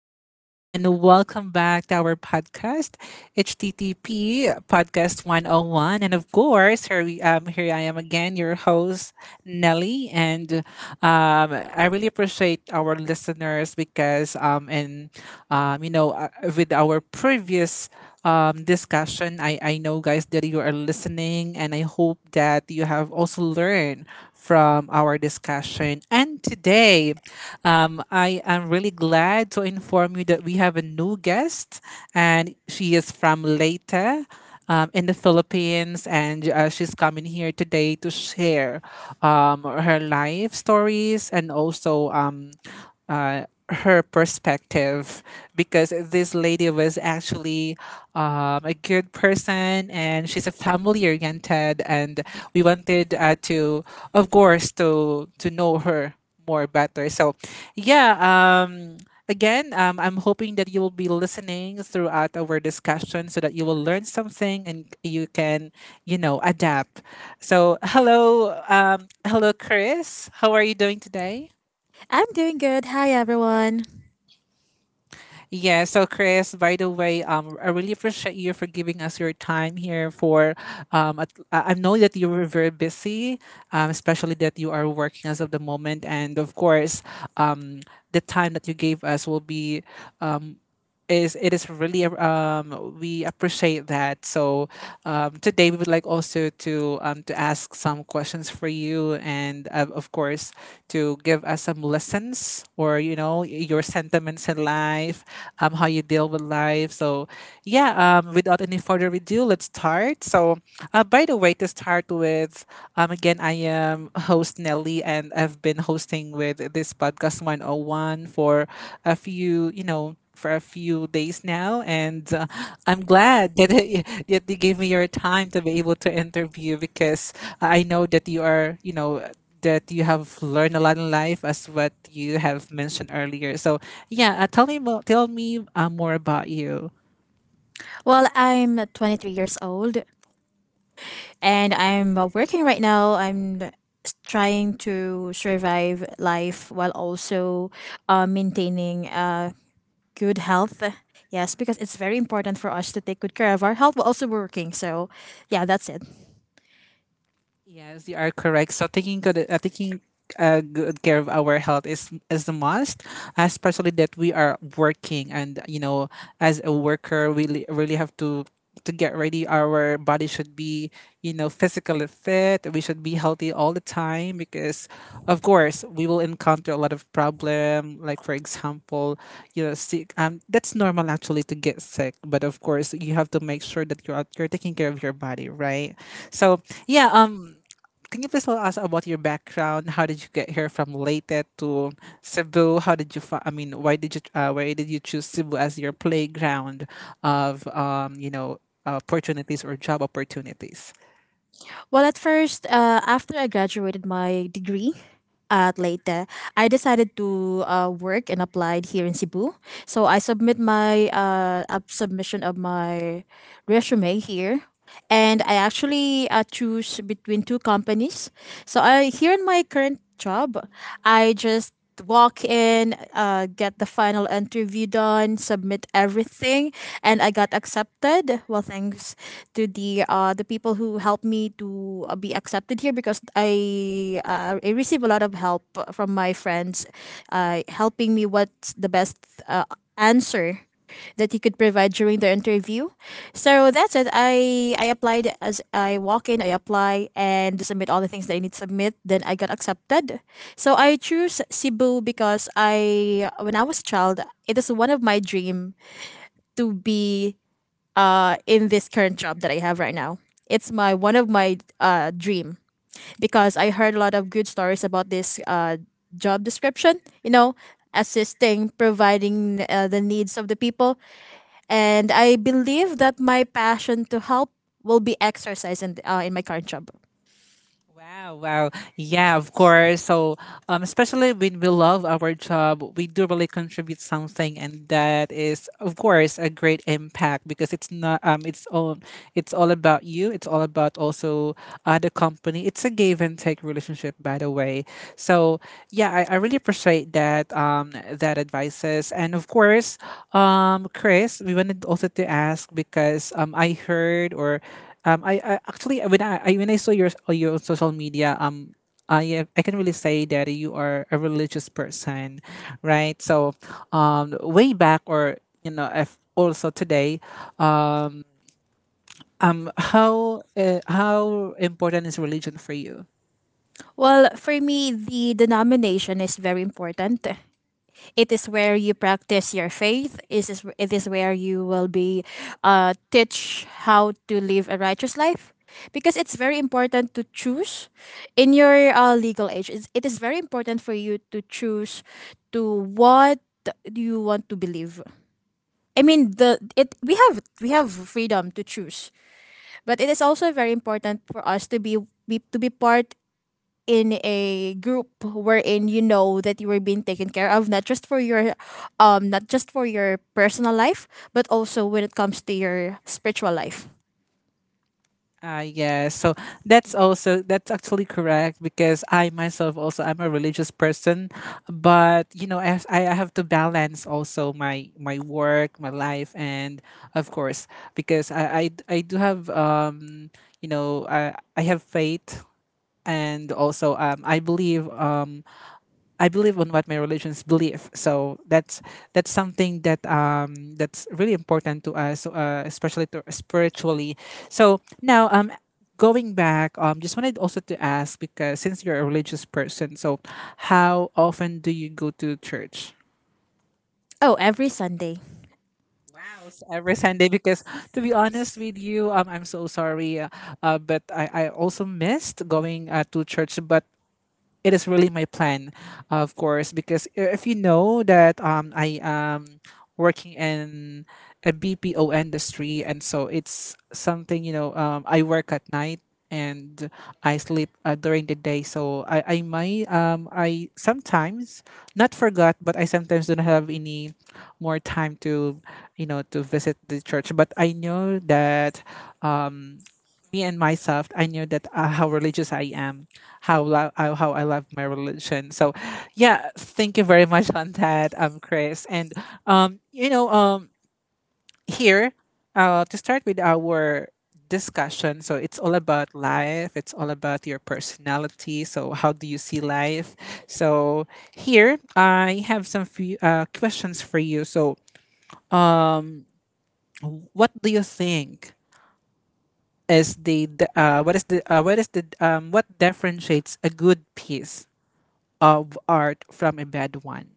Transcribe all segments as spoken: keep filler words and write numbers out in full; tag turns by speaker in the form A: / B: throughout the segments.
A: gentlemen, and welcome back to our podcast, H T T P Podcast one oh one. And of course, here, we, um, here I am again, your host, Nelly. And um, I really appreciate our listeners because, um, and um, you know, uh, with our previous um, discussion. I, I know, guys, that you are listening, and I hope that you have also learned from our discussion. And today, um, I am really glad to inform you that we have a new guest, and she is from Leyte um, in the Philippines, and uh, she's coming here today to share um, her life stories and also um, uh, her perspective because this lady was actually um, a good person, and she's a family oriented. And we wanted uh, to of course to to know her more better. so yeah um Again, um, I'm hoping that you will be listening throughout our discussion so that you will learn something and you can, you know, adapt. So, hello, um, hello, Chris. How are you doing today?
B: I'm doing good. Hi, everyone.
A: Yeah, so Chris, by the way, um, I really appreciate you for giving us your time here. For um, at, I I know that you were very busy, um, especially that you are working as of the moment, and of course, um, the time that you gave us will be, um, is it is really um we appreciate that. So, um, today we would like also to um to ask some questions for you, and uh, of course to give us some lessons or, you know, your sentiments in life, um, how you deal with life. So, yeah, um, without any further ado, let's start. So, uh, by the way, to start with, um, again, I am host Nelly, and I've been hosting with this podcast one oh one for a few, you know, for a few days now, and uh, I'm glad that that you gave me your time to be able to interview because I know that you are, you know, that you have learned a lot in life as what you have mentioned earlier. So yeah, uh, tell me mo- tell me uh, more about you.
B: Well, I'm twenty-three years old and I'm uh, working right now. I'm s- trying to survive life while also uh, maintaining uh, good health. Yes, because it's very important for us to take good care of our health while also working. So, yeah, that's it.
A: Yes, you are correct. So taking good, uh, taking uh, good care of our health is is the must, especially that we are working, and you know, as a worker, we really, really have to to get ready. Our body should be, you know, physically fit. We should be healthy all the time because of course we will encounter a lot of problem. Like for example, you know, sick. Um, that's normal actually to get sick, but of course you have to make sure that you're you're taking care of your body, right? So yeah, um, can you please tell us about your background? How did you get here from Leyte to Cebu? How did you? Fi- I mean, why did you? Uh, why did you choose Cebu as your playground of, um, you know, opportunities or job opportunities?
B: Well, at first, uh, after I graduated my degree at Leyte, I decided to uh, work and applied here in Cebu. So I submit my uh, up submission of my resume here and I actually uh, choose between two companies. So I here in my current job, I just walk in, uh, get the final interview done, submit everything, and I got accepted. Well, thanks to the uh, the people who helped me to uh, be accepted here because I uh, I receive a lot of help from my friends, uh, helping me what's the best uh, answer that you could provide during the interview. So that's it. I I applied as I walk in, I apply and submit all the things that I need to submit. Then I got accepted. So I choose Cebu because I when I was a child, it is one of my dream to be uh in this current job that I have right now. It's my one of my uh dream because I heard a lot of good stories about this uh job description, you know, assisting, providing uh, the needs of the people, and I believe that my passion to help will be exercised in, uh, in my current job.
A: Wow, wow. Yeah, of course. So, um, especially when we love our job, we do really contribute something, and that is, of course, a great impact because it's not, um, it's all, it's all about you. It's all about also uh, the company. It's a give and take relationship, by the way. So, yeah, I, I really appreciate that um that advices. And of course, um Chris, we wanted also to ask because um I heard or um I, I actually when I, I when I saw your uh, your social media, um I I can really say that you are a religious person, right? So um way back or, you know, if also today, um um how uh, how important is religion for you?
B: Well, for me, the denomination is very important. It is where you practice your faith. It is, it is where you will be uh, teach how to live a righteous life. Because it's very important to choose in your uh, legal age. It's, it is very important for you to choose to what do you want to believe. I mean, the it we have we have freedom to choose. But it is also very important for us to be, be to be part in a group wherein you know that you are being taken care of, not just for your um not just for your personal life, but also when it comes to your spiritual life.
A: Ah, yes. So that's also, that's actually correct because I myself also, I'm a religious person, but you know I have, I I have to balance also my my work, my life, and of course because I I, I do have, um you know, I I have faith, and also um I believe, um I believe on what my religions believe. So that's that's something that um that's really important to us, uh, especially to spiritually. So now, um going back, um just wanted also to ask, because since you're a religious person, so how often do you go to church?
B: Oh, every Sunday.
A: Wow s- every Sunday? Because to be honest with you, um I'm so sorry, uh, uh, but i i also missed going uh, to church, but it is really my plan, of course, because I- if you know that, um, I am working in a B P O industry, and so it's something, you know, um, I work at night, and I sleep uh, during the day, so I I might, um I sometimes not forgot, but I sometimes don't have any more time to, you know, to visit the church. But I know that, um me and myself, I knew that uh, how religious I am, how lo- how how I love my religion. So yeah, thank you very much on that, um, Chris. And, um, you know, um, here, uh, to start with our discussion. So it's all about life. It's all about your personality. So how do you see life? So here, I have some few uh, questions for you. So, what do you think is the d- uh, what is the uh, what is the, um, what differentiates a good piece of art from a bad one?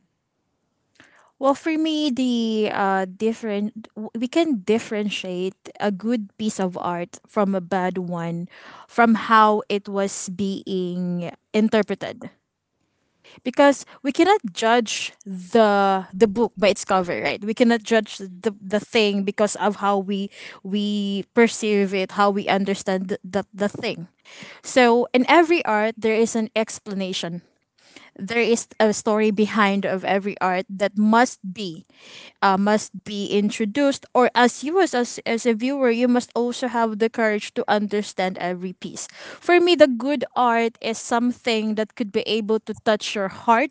B: Well, for me, the uh different, we can differentiate a good piece of art from a bad one from how it was being interpreted, because we cannot judge the the book by its cover, right? We cannot judge the, the thing because of how we we perceive it, how we understand the, the, the thing. So in every art there is an explanation, there is a story behind of every art that must be uh, must be introduced, or as you as, as as a viewer you must also have the courage to understand every piece. For me, the good art is something that could be able to touch your heart,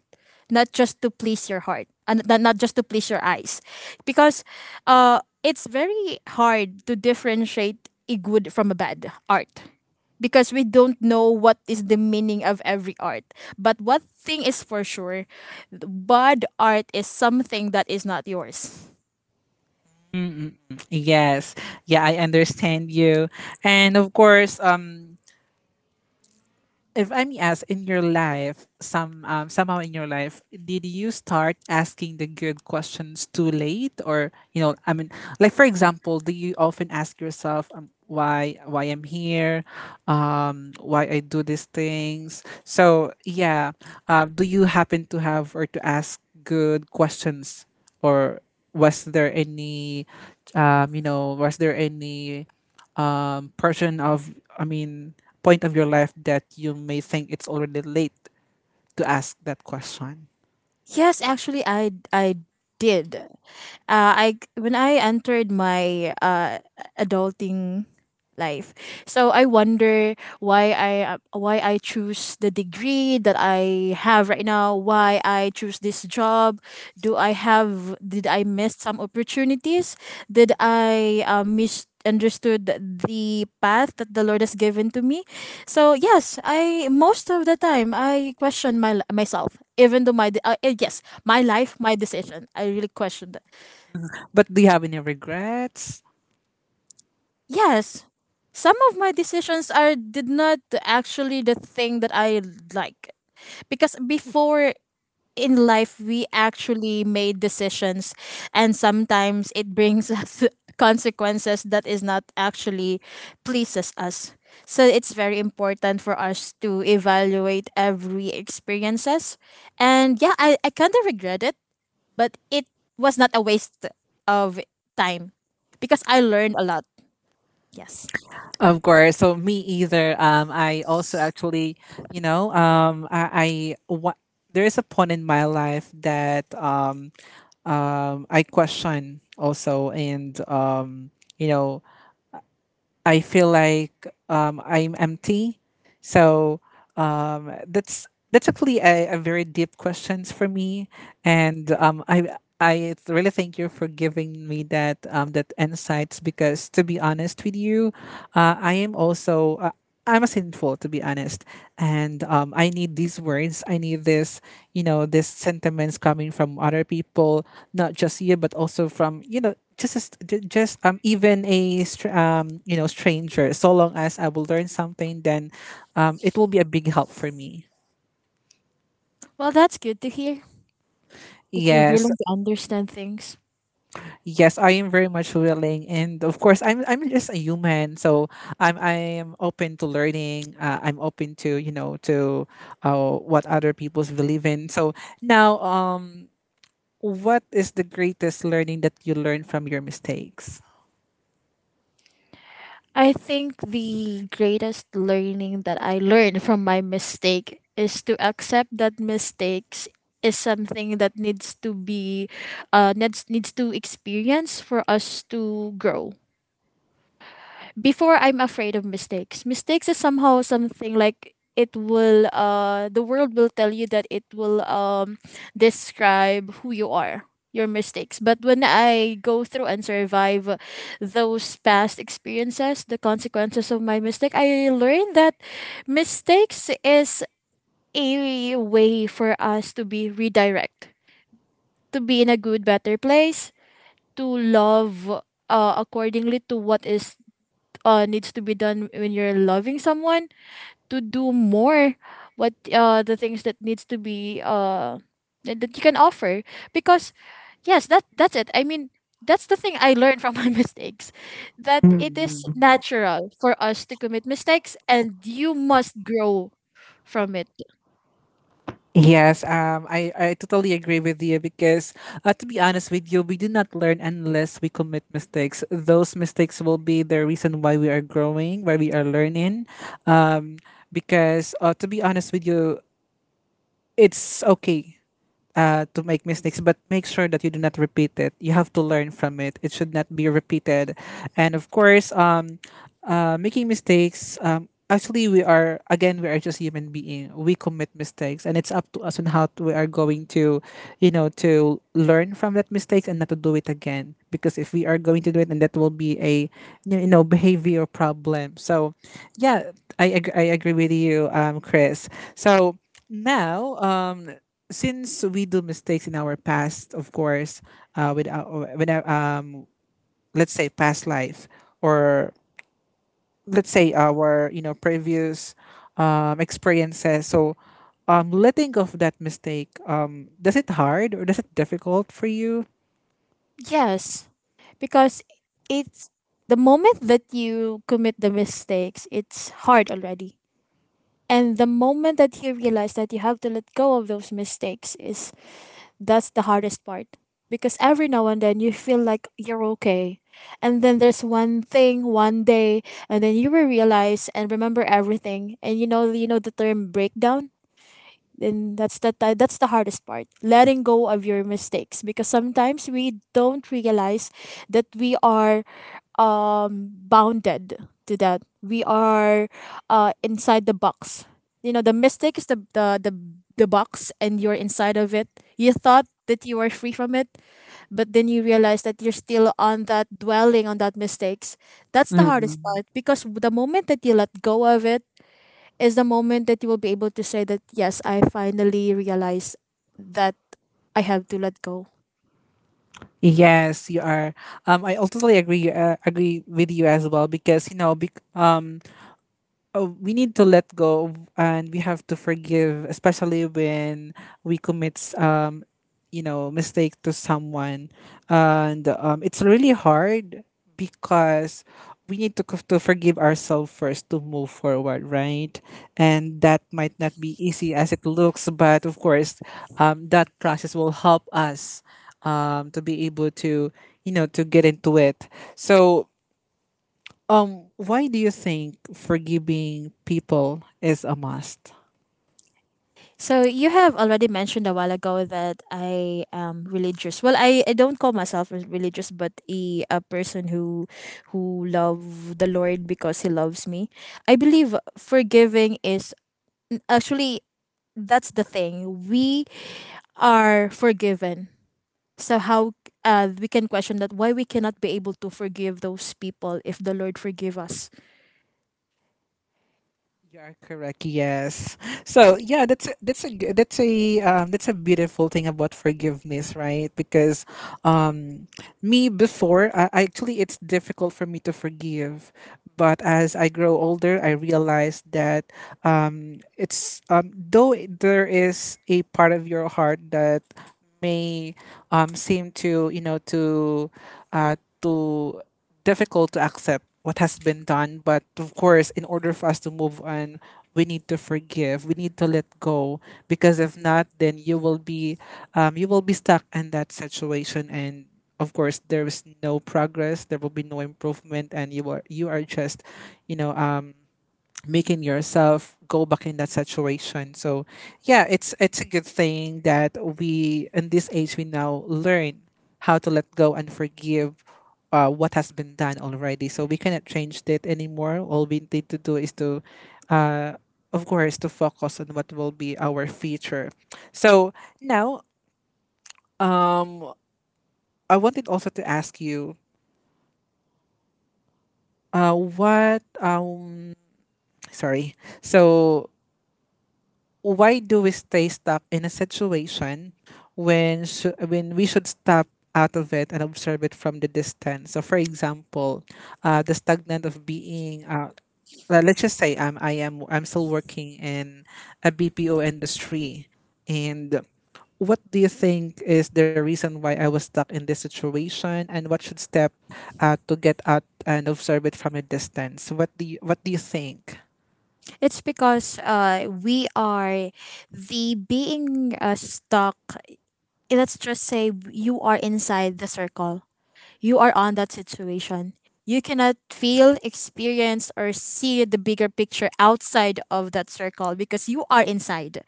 B: not just to please your heart and not not just to please your eyes, because uh it's very hard to differentiate a good from a bad art because we don't know what is the meaning of every art. But one thing is for sure, bad art is something that is not yours.
A: Mm. Mm. Yes. Yeah, I understand you. And of course, um if I may ask, in your life, some um, somehow in your life, did you start asking the good questions too late, or, you know, I mean, like for example, do you often ask yourself, um, why why I'm here, um, why I do these things? So yeah, uh, do you happen to have or to ask good questions, or was there any, um, you know, was there any um, portion of, I mean, point of your life that you may think it's already late to ask that question?
B: Yes, actually I I did. uh, I when I entered my uh, adulting life, so I wonder why I uh, why I choose the degree that I have right now. Why I choose this job? Do I have? Did I miss some opportunities? Did I uh, misunderstood the path that the Lord has given to me. So yes, I most of the time I question my myself, even though my de- uh, uh, yes, my life, my decision I really questioned.
A: But do you have any regrets?
B: Yes, some of my decisions are did not actually the thing that I like, because before in life we actually made decisions and sometimes it brings us consequences that is not actually pleases us. So it's very important for us to evaluate every experiences. And yeah, i, I kind of regret it, but it was not a waste of time because I learned a lot. Yes.
A: Of course. So me either. Um, I also actually, you know, um, I, I what there is a point in my life that, um, um, I question also, and, um, you know, I feel like, um, I'm empty. So, um, that's that's actually a, a very deep questions for me, and um, I I really thank you for giving me that, um, that insights. Because to be honest with you, uh, I am also. Uh, I'm a sinful, to be honest, and um, I need these words. I need this, you know, these sentiments coming from other people, not just you, but also from, you know, just as- ju- just, um even a str- um you know, stranger. So long as I will learn something, then, um, it will be a big help for me.
B: Well, that's good to hear that you're
A: Yes,
B: willing to understand things.
A: yes, I am very much willing, and of course, I'm I'm just a human, so I'm I am open to learning. Uh, I'm open to, you know, to uh, what other people's believe in. So now, um, what is the greatest learning that you learn from your mistakes?
B: I think the greatest learning that I learned from my mistake is to accept that mistakes is something that needs to be uh needs needs to experience for us to grow. Before I'm afraid of mistakes. Mistakes is somehow something like it will uh the world will tell you that it will um describe who you are, your mistakes. But when I go through and survive those past experiences, the consequences of my mistake, I learned that mistakes is a way for us to be redirect, to be in a good better place, to love uh, accordingly to what is uh needs to be done when you're loving someone, to do more what uh the things that needs to be uh that that you can offer, because yes, that that's it. I mean, that's the thing I learned from my mistakes, that it is
A: Mm.
B: natural for us to commit mistakes and you must grow from it.
A: Yes, um, I, I totally agree with you because, uh, to be honest with you, we do not learn unless we commit mistakes. Those mistakes will be the reason why we are growing, why we are learning. Um, because, uh, to be honest with you, it's okay uh, to make mistakes, but make sure that you do not repeat it. You have to learn from it. It should not be repeated. And of course, um, uh, making mistakes. Um, actually, we are again, we are just human being. We commit mistakes, and it's up to us on how to, we are going to, you know, to learn from that mistakes and not to do it again. Because if we are going to do it, and that will be a, you know, behavior problem. So yeah, I ag- I agree with you, um, Chris. So now, um, since we do mistakes in our past, of course, uh, with our, when our, um, let's say past life, or let's say our, you know, previous um, experiences. So, um, letting go of that mistake, um, does it hard or does it difficult for you?
B: Yes, because it's the moment that you commit the mistakes, it's hard already. And the moment that you realize that you have to let go of those mistakes is that's the hardest part. Because every now and then you feel like you're okay. And then there's one thing, one day, and then you will realize and remember everything. And you know you know the term breakdown? And that's the ti- that's the hardest part. Letting go of your mistakes. Because sometimes we don't realize that we are um bounded to, that we are uh inside the box. You know, the mistake is the the the, the box and you're inside of it. You thought that you were free from it, but then you realize that you're still on that, dwelling on that mistakes. That's the hardest
A: Mm.
B: part, because the moment that you let go of it is the moment that you will be able to say that yes, I finally realize that I have to let go.
A: Yes, you are. Um, I totally agree. Uh, agree with you as well, because you know, bec- um, oh, we need to let go of, and we have to forgive, especially when we commit, um, you know, mistake to someone, and um, it's really hard, because we need to co- to forgive ourselves first to move forward, right? And that might not be easy as it looks, but of course, um, that process will help us, um, to be able to, you know, to get into it. So um, why do you think forgiving people is a must?
B: So you have already mentioned a while ago that I am religious. Well, I, I don't call myself as religious, but a, a person who who love the Lord because He loves me. I believe forgiving is actually that's the thing. We are forgiven. So how uh, we can question that why we cannot be able to forgive those people if the Lord forgive us?
A: You are correct. Yes. So yeah, that's a, that's a g- that's a um, that's a beautiful thing about forgiveness, right? Because um, me before, I, I- actually, it's difficult for me to forgive, but as I grow older, I realize that um, it's um, though it- there is a part of your heart that may um, seem to you know to uh, to difficult to accept what has been done. But of course, in order for us to move on, we need to forgive. We need to let go because if not, then you will be, um, you will be stuck in that situation. And of course, there is no progress. There will be no improvement, and you are you are just, you know, um, making yourself go back in that situation. So yeah, it's it's a good thing that we in this age we now learn how to let go and forgive uh, what has been done already. So we cannot change that anymore. All we need to do is to uh, of course to focus on what will be our future. So now, um I wanted also to ask you uh what um sorry. So why do we stay stuck in a situation when sh- when we should step out of it and observe it from the distance? So, for example, uh, the stagnant of being. Uh, le- let's just say I'm I am I'm still working in a B P O industry, and what do you think is the reason why I was stuck in this situation, and what should step uh, to get out and observe it from a distance? What do you, what do you think?
B: It's because uh, we are the being uh, stuck, let's just say you are inside the circle. You are on that situation. You cannot feel, experience, or see the bigger picture outside of that circle because you are inside.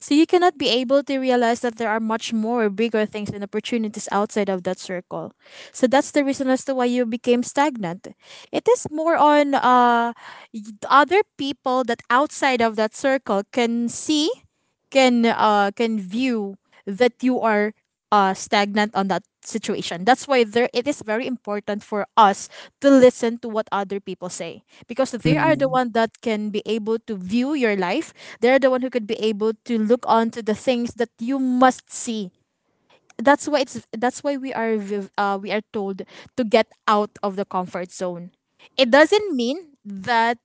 B: So you cannot be able to realize that there are much more bigger things and opportunities outside of that circle. So that's the reason as to why you became stagnant. It is more on uh, y- other people that outside of that circle can see, can uh, can view that you are uh, stagnant on that situation. That's why there it is very important for us to listen to what other people say, because they are the
A: Mm-hmm.
B: one that can be able to view your life. They're the one who could be able to look onto the things that you must see. That's why it's that's why we are v- uh, we are told to get out of the comfort zone. It doesn't mean that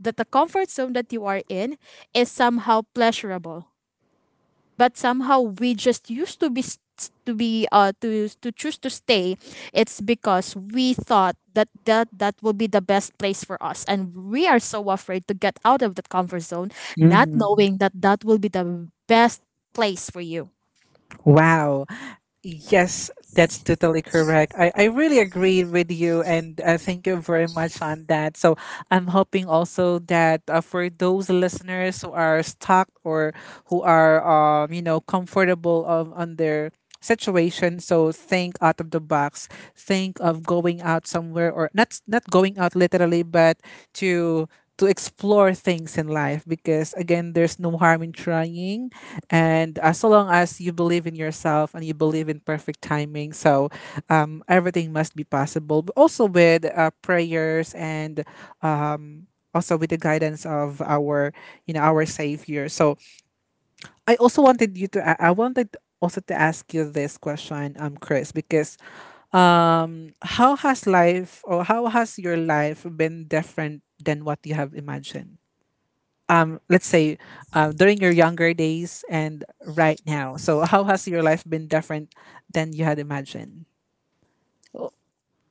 B: that the comfort zone that you are in is somehow pleasurable, but somehow we just used to be s- to be uh to to choose to stay. It's because we thought that that that will be the best place for us and we are so afraid to get out of that comfort zone, not knowing that that will be the best place for you.
A: Wow. Yes, that's totally correct. I, I really agree with you, and uh, thank you very much on that. So, I'm hoping also that uh, for those listeners who are stuck or who are, um, you know, comfortable of, on their situation, so think out of the box. Think of going out somewhere, or not not going out literally, but to to explore things in life because again there's no harm in trying and as long as you believe in yourself and you believe in perfect timing, so um, everything must be possible. But also with uh, prayers and um, also with the guidance of our, you know, our Savior. So I also wanted you to, I I wanted also to ask you this question, um, Chris, because um, how has life or how has your life been different than what you have imagined? um, let's say uh, during your younger days and right now. So how has your life been different than you had imagined?
B: Oh,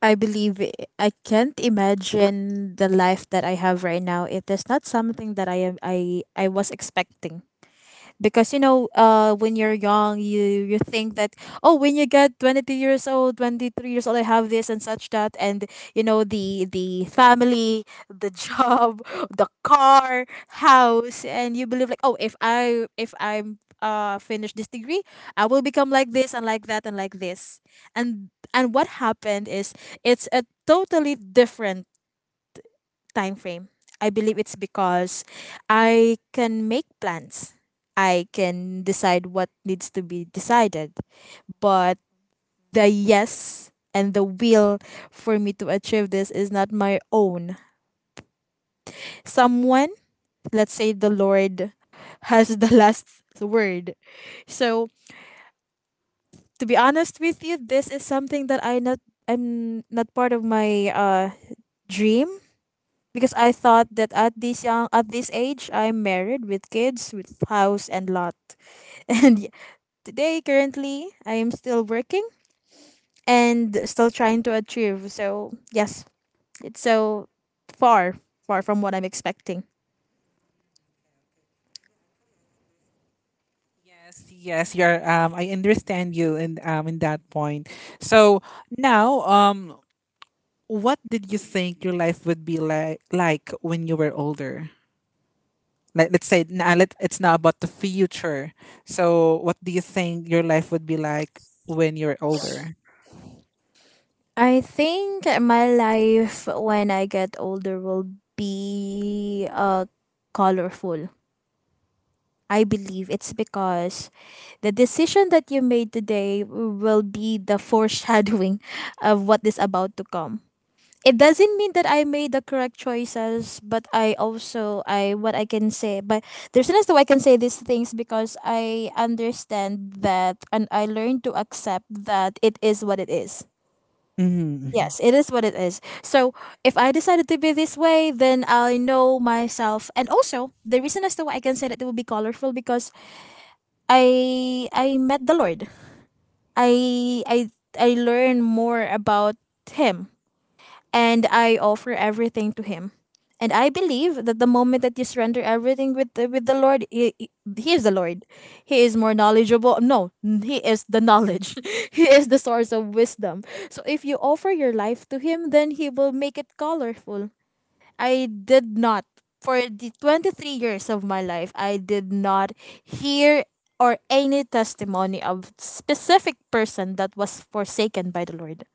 B: I believe i- I can't imagine the life that I have right now. It is not something that I am I I was expecting. Because you know uh when you're young you you think that oh when you get twenty-two years old, twenty-three years old, I have this and such that, and you know the the family, the job, the car, house. And you believe like, oh, if i if I'm uh finish this degree, I will become like this and like that and like this. And and what happened is it's a totally different time frame. I believe it's because I can make plans. I can decide what needs to be decided. But the yes and the will for me to achieve this is not my own. Someone, let's say the Lord, has the last word. So to be honest with you, this is something that I not I'm not part of my uh dream because I thought that at this young at this age I'm married with kids with house and lot, and y- today, currently I am still working and still trying to achieve. So yes, it's so far far from what I'm expecting.
A: Yes, yes, you're. Um, I understand you in um in that point. So now, um, what did you think your life would be like like when you were older? Like, let's say now, let it's now about the future. So, what do you think your life would be like when you're older?
B: I think my life when I get older will be uh colorful. I believe it's because the decision that you made today will be the foreshadowing of what is about to come. It doesn't mean that I made the correct choices, but I also, I what I can say, but there's an, though I can say these things because I understand that, and I learned to accept that it is what it is.
A: Mm-hmm.
B: Yes, it is what it is. So if I decided to be this way, then I know myself. And also, the reason as to why I can say that it will be colorful, because I I met the Lord. I I I learn more about him, and I offer everything to him. And I believe that the moment that you surrender everything with the, with the Lord, he, he he is the Lord. He is more knowledgeable. No, he is the knowledge. He is the source of wisdom. So if you offer your life to him, then he will make it colorful. I did not. For the twenty-three years of my life, I did not hear or any testimony of specific person that was forsaken by the Lord.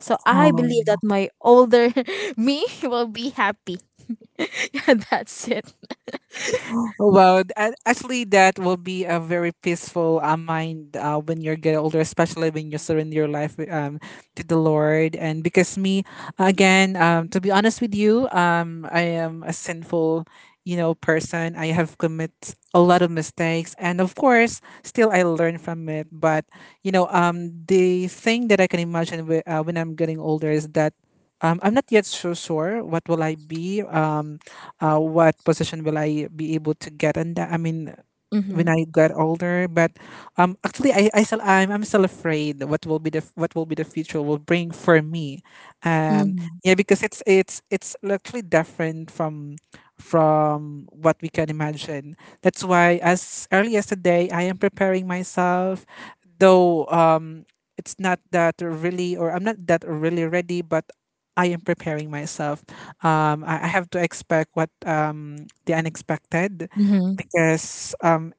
B: So I believe that my older me will be happy. That's it.
A: Well, a- actually, that will be a very peaceful uh, mind uh, when you get older, especially when you surrender your life um, to the Lord. And because me, again, um, to be honest with you, um, I am a sinful, you know, person. I have commit a lot of mistakes, and of course, still I learn from it. But you know, um, the thing that I can imagine wi- uh, when I'm getting older is that um, I'm not yet so sure what will I be. Um, uh, what position will I be able to get? And that, I mean, when
B: Mm-hmm.
A: I got older. But um, actually, I I still I'm, I'm still afraid what will be the f- what will be the future will bring for me. Um, yeah,
B: Mm-hmm.
A: because it's it's it's actually different from from what we can imagine. That's why as early as today, I am preparing myself, though um, it's not that really or I'm not that really ready, but I am preparing myself. Um, I, I have to expect what um, the unexpected because um,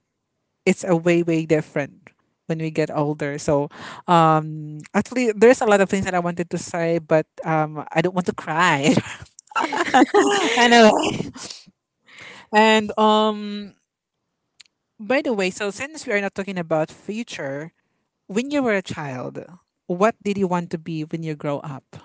A: it's a way way different when we get older, so um actually there's a lot of things that I wanted to say, but um I don't want to cry. Anyway, and um by the way, so since we are not talking about future, when you were a child, what did you want to be when you grow up?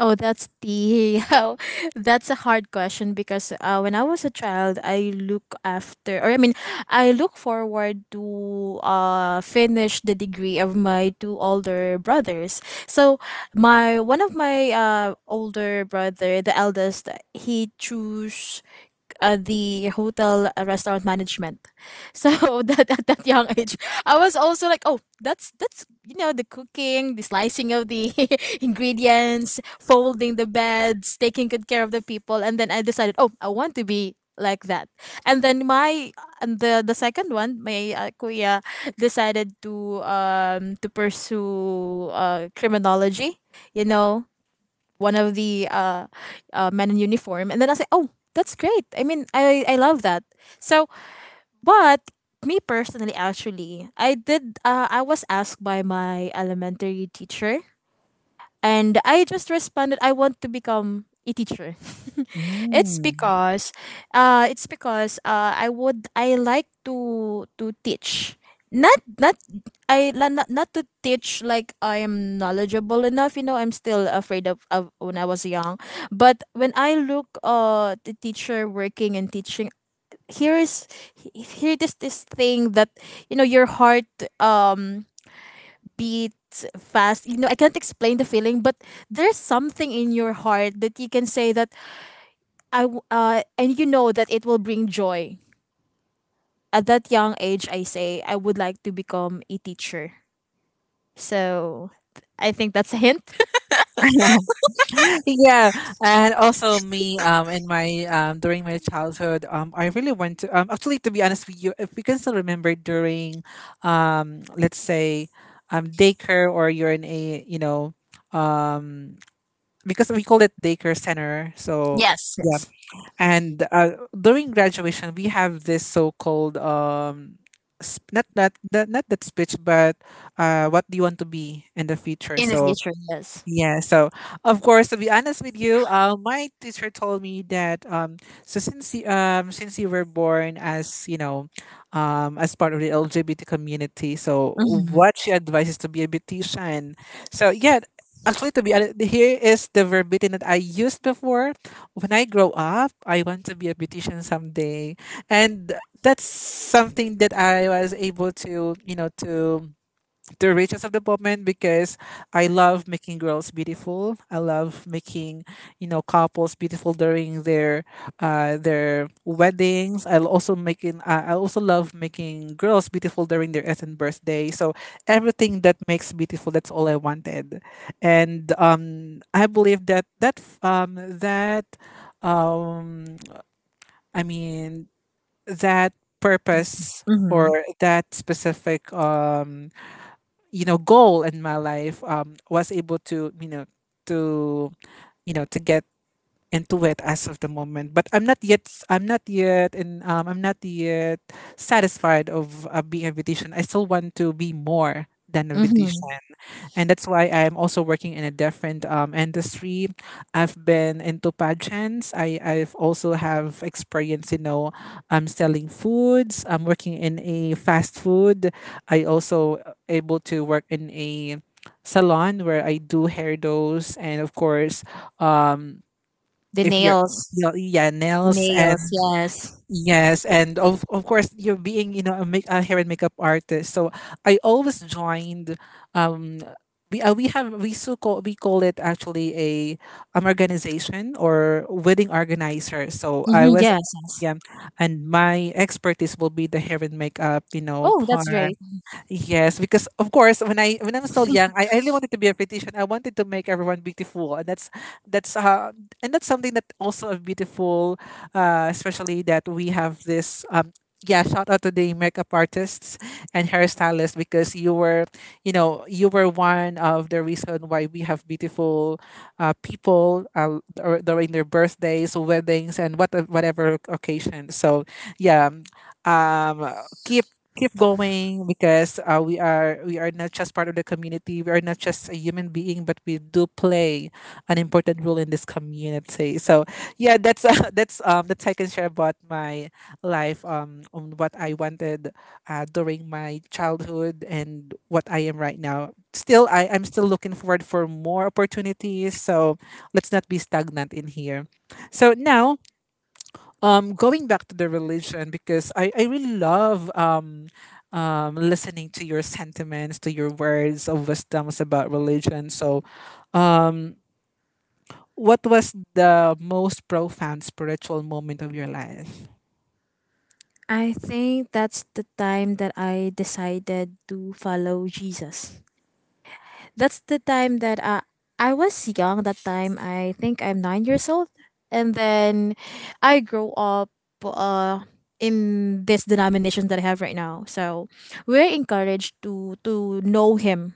B: Oh, that's the oh, that's a hard question because uh, when I was a child, I look after or I mean, I look forward to uh finish the degree of my two older brothers. So my one of my uh older brother, the eldest, he chose uh, the hotel, uh, restaurant management. So that at that young age, I was also like, oh, that's that's you know the cooking, the slicing of the ingredients, folding the beds, taking good care of the people, and then I decided, oh, I want to be like that. And then my and the the second one, my uh, kuya decided to um to pursue uh criminology. You know, one of the uh, uh, men in uniform. And then I say, "Oh, that's great. I mean, I I love that." So, but me personally, actually, I did. Uh, I was asked by my elementary teacher, and I just responded, I want to become a teacher. it's
A: Mm.
B: because, uh, it's because uh, I would I like to to teach. Not not I la- not, not to teach like I am knowledgeable enough. You know, I'm still afraid of, of when I was young. But when I look uh the teacher working and teaching, here is he- here it is this thing that, you know, your heart, um upbeat, fast. You know, I can't explain the feeling, but there's something in your heart that you can say that I w- uh, and you know that it will bring joy. At that young age, I say I would like to become a teacher. So I think that's a hint.
A: Yeah, and also me um in my um during my childhood, um I really want to um actually, to be honest with you, if we can still remember during um let's say um daycare or you're in a you know um because we call it daycare center. So
B: Yes,
A: yeah,
B: yes.
A: and uh, during graduation we have this so-called um sp- not that, that not that speech, but uh what do you want to be in the future.
B: In the
A: So
B: future, yes.
A: yeah, so of course, to be honest with you, uh, my teacher told me that um, so since you, um, since you were born as you know, um, as part of the L G B T community, so
B: Mm-hmm,
A: what she advises to be a beautician. So yeah, actually, to be honest, here is the verbatim that I used before. When I grow up, I want to be a beautician someday, and that's something that I was able to you know to the riches of the moment because I love making girls beautiful. I love making you know couples beautiful during their uh, their weddings. I also making uh, I also love making girls beautiful during their ethnic birthday. So everything that makes beautiful, that's all I wanted, and um, I believe that that f- um, that um, I mean that purpose
B: mm-hmm,
A: or that specific um you know goal in my life um was able to you know to you know to get into it as of the moment. But i'm not yet s- I'm not yet, and um, I'm not yet satisfied of uh, being a beautician. I still want to be more than a beautician,
B: mm-hmm.
A: and that's why I'm also working in a different um, industry. I've been into pageants. I I've also have experience, you know, I'm selling foods. I'm working in a fast food. I also able to work in a salon where I do hairdos and of course, um,
B: The
A: if you're
B: nails,
A: yeah, yeah,
B: the
A: nails and
B: nails. Yes.
A: yes, and of of course you're being you know a, make, a hair and makeup artist. So I always joined. Um, we uh, we have we so call we call it actually a an organization or wedding organizer. So I
B: Mm-hmm,
A: was
B: yes, yes.
A: yeah, and my expertise will be the hair and makeup you know
B: Oh, that's
A: part.
B: great.
A: Yes, because of course, when I when I'm still young, I, I really wanted to be a beautician. I wanted to make everyone beautiful, and that's that's uh, and that's something that also a beautiful, uh, especially that we have this um yeah, shout out to the makeup artists and hairstylists because you were you know you were one of the reason why we have beautiful uh, people uh, dur- during their birthdays, weddings, and what whatever occasion. So yeah, um, um, keep keep going because uh, we are we are not just part of the community, we are not just a human being, but we do play an important role in this community. So yeah, that's uh, that's um that's I can share about my life um on what I wanted uh, during my childhood and what I am right now. Still i i'm still looking forward for more opportunities, so let's not be stagnant in here. So now um going back to the religion, because I I really love um um listening to your sentiments, to your words of wisdoms about religion. So um what was the most profound spiritual moment of your life?
B: I think that's the time that I decided to follow Jesus. That's the time that, uh, I was young that time. I think I'm nine years old, and then I grow up uh in this denomination that I have right now. So we're encouraged to to know him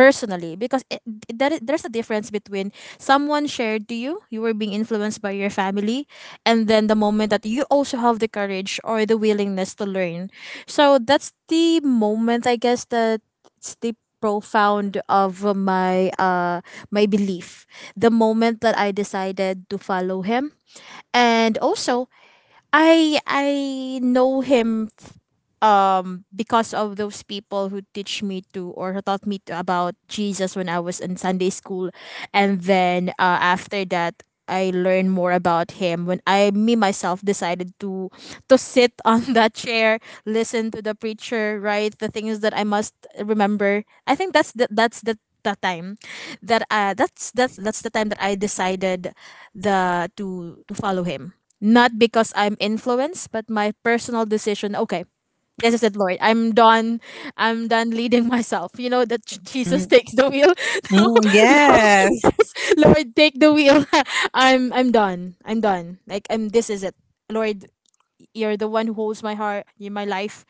B: personally because it, it- that is, there's a difference between someone shared to you, you were being influenced by your family, and then the moment that you also have the courage or the willingness to learn. So that's the moment, I guess, that it's the profound of my uh my belief, the moment that I decided to follow him. And also, i i know him, um because of those people who teach me to, or who taught me to, about Jesus when I was in Sunday school. And then uh, after that, I learned more about him when I, me myself, decided to to sit on that chair, listen to the preacher, write the things that I must remember. I think that's the, that's the that time that uh that's that's that's the time that I decided the to to follow him, not because I'm influenced, but my personal decision. Okay, this is it, Lord. I'm done. I'm done leading myself. You know that, J- Jesus
A: Mm,
B: takes the wheel. No,
A: mm,
B: Lord,
A: yes,
B: Lord, take the wheel. I'm I'm done. I'm done. Like I'm. This is it, Lord. You're the one who holds my heart. You, my life.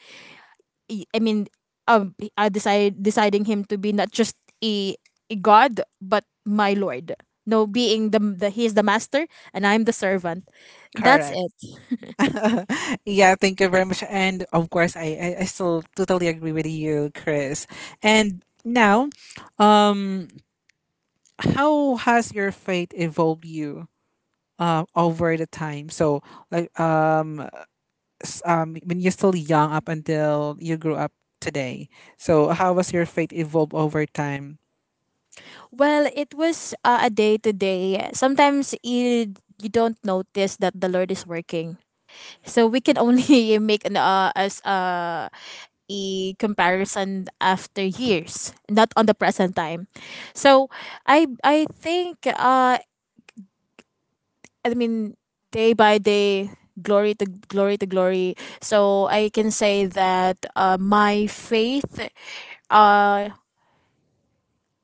B: Y- I mean, um, I decide deciding him to be not just a, a God, but my Lord. No, being the the he is the master, and I'm the servant. That's
A: correct.
B: it.
A: Yeah, thank you very much, and of course, I, I i still totally agree with you, Chris. And now, um how has your faith evolved you um, over the time. So like um, s- um, when you're still young up until you grew up today. So how was your faith evolve over time?
B: Well, it was uh, a day to day. Sometimes you you don't notice that the Lord is working. So we can only make an uh, as uh, a comparison after years, not on the present time. So I I think, uh I mean, day by day, glory to glory to glory. So I can say that, uh, my faith, uh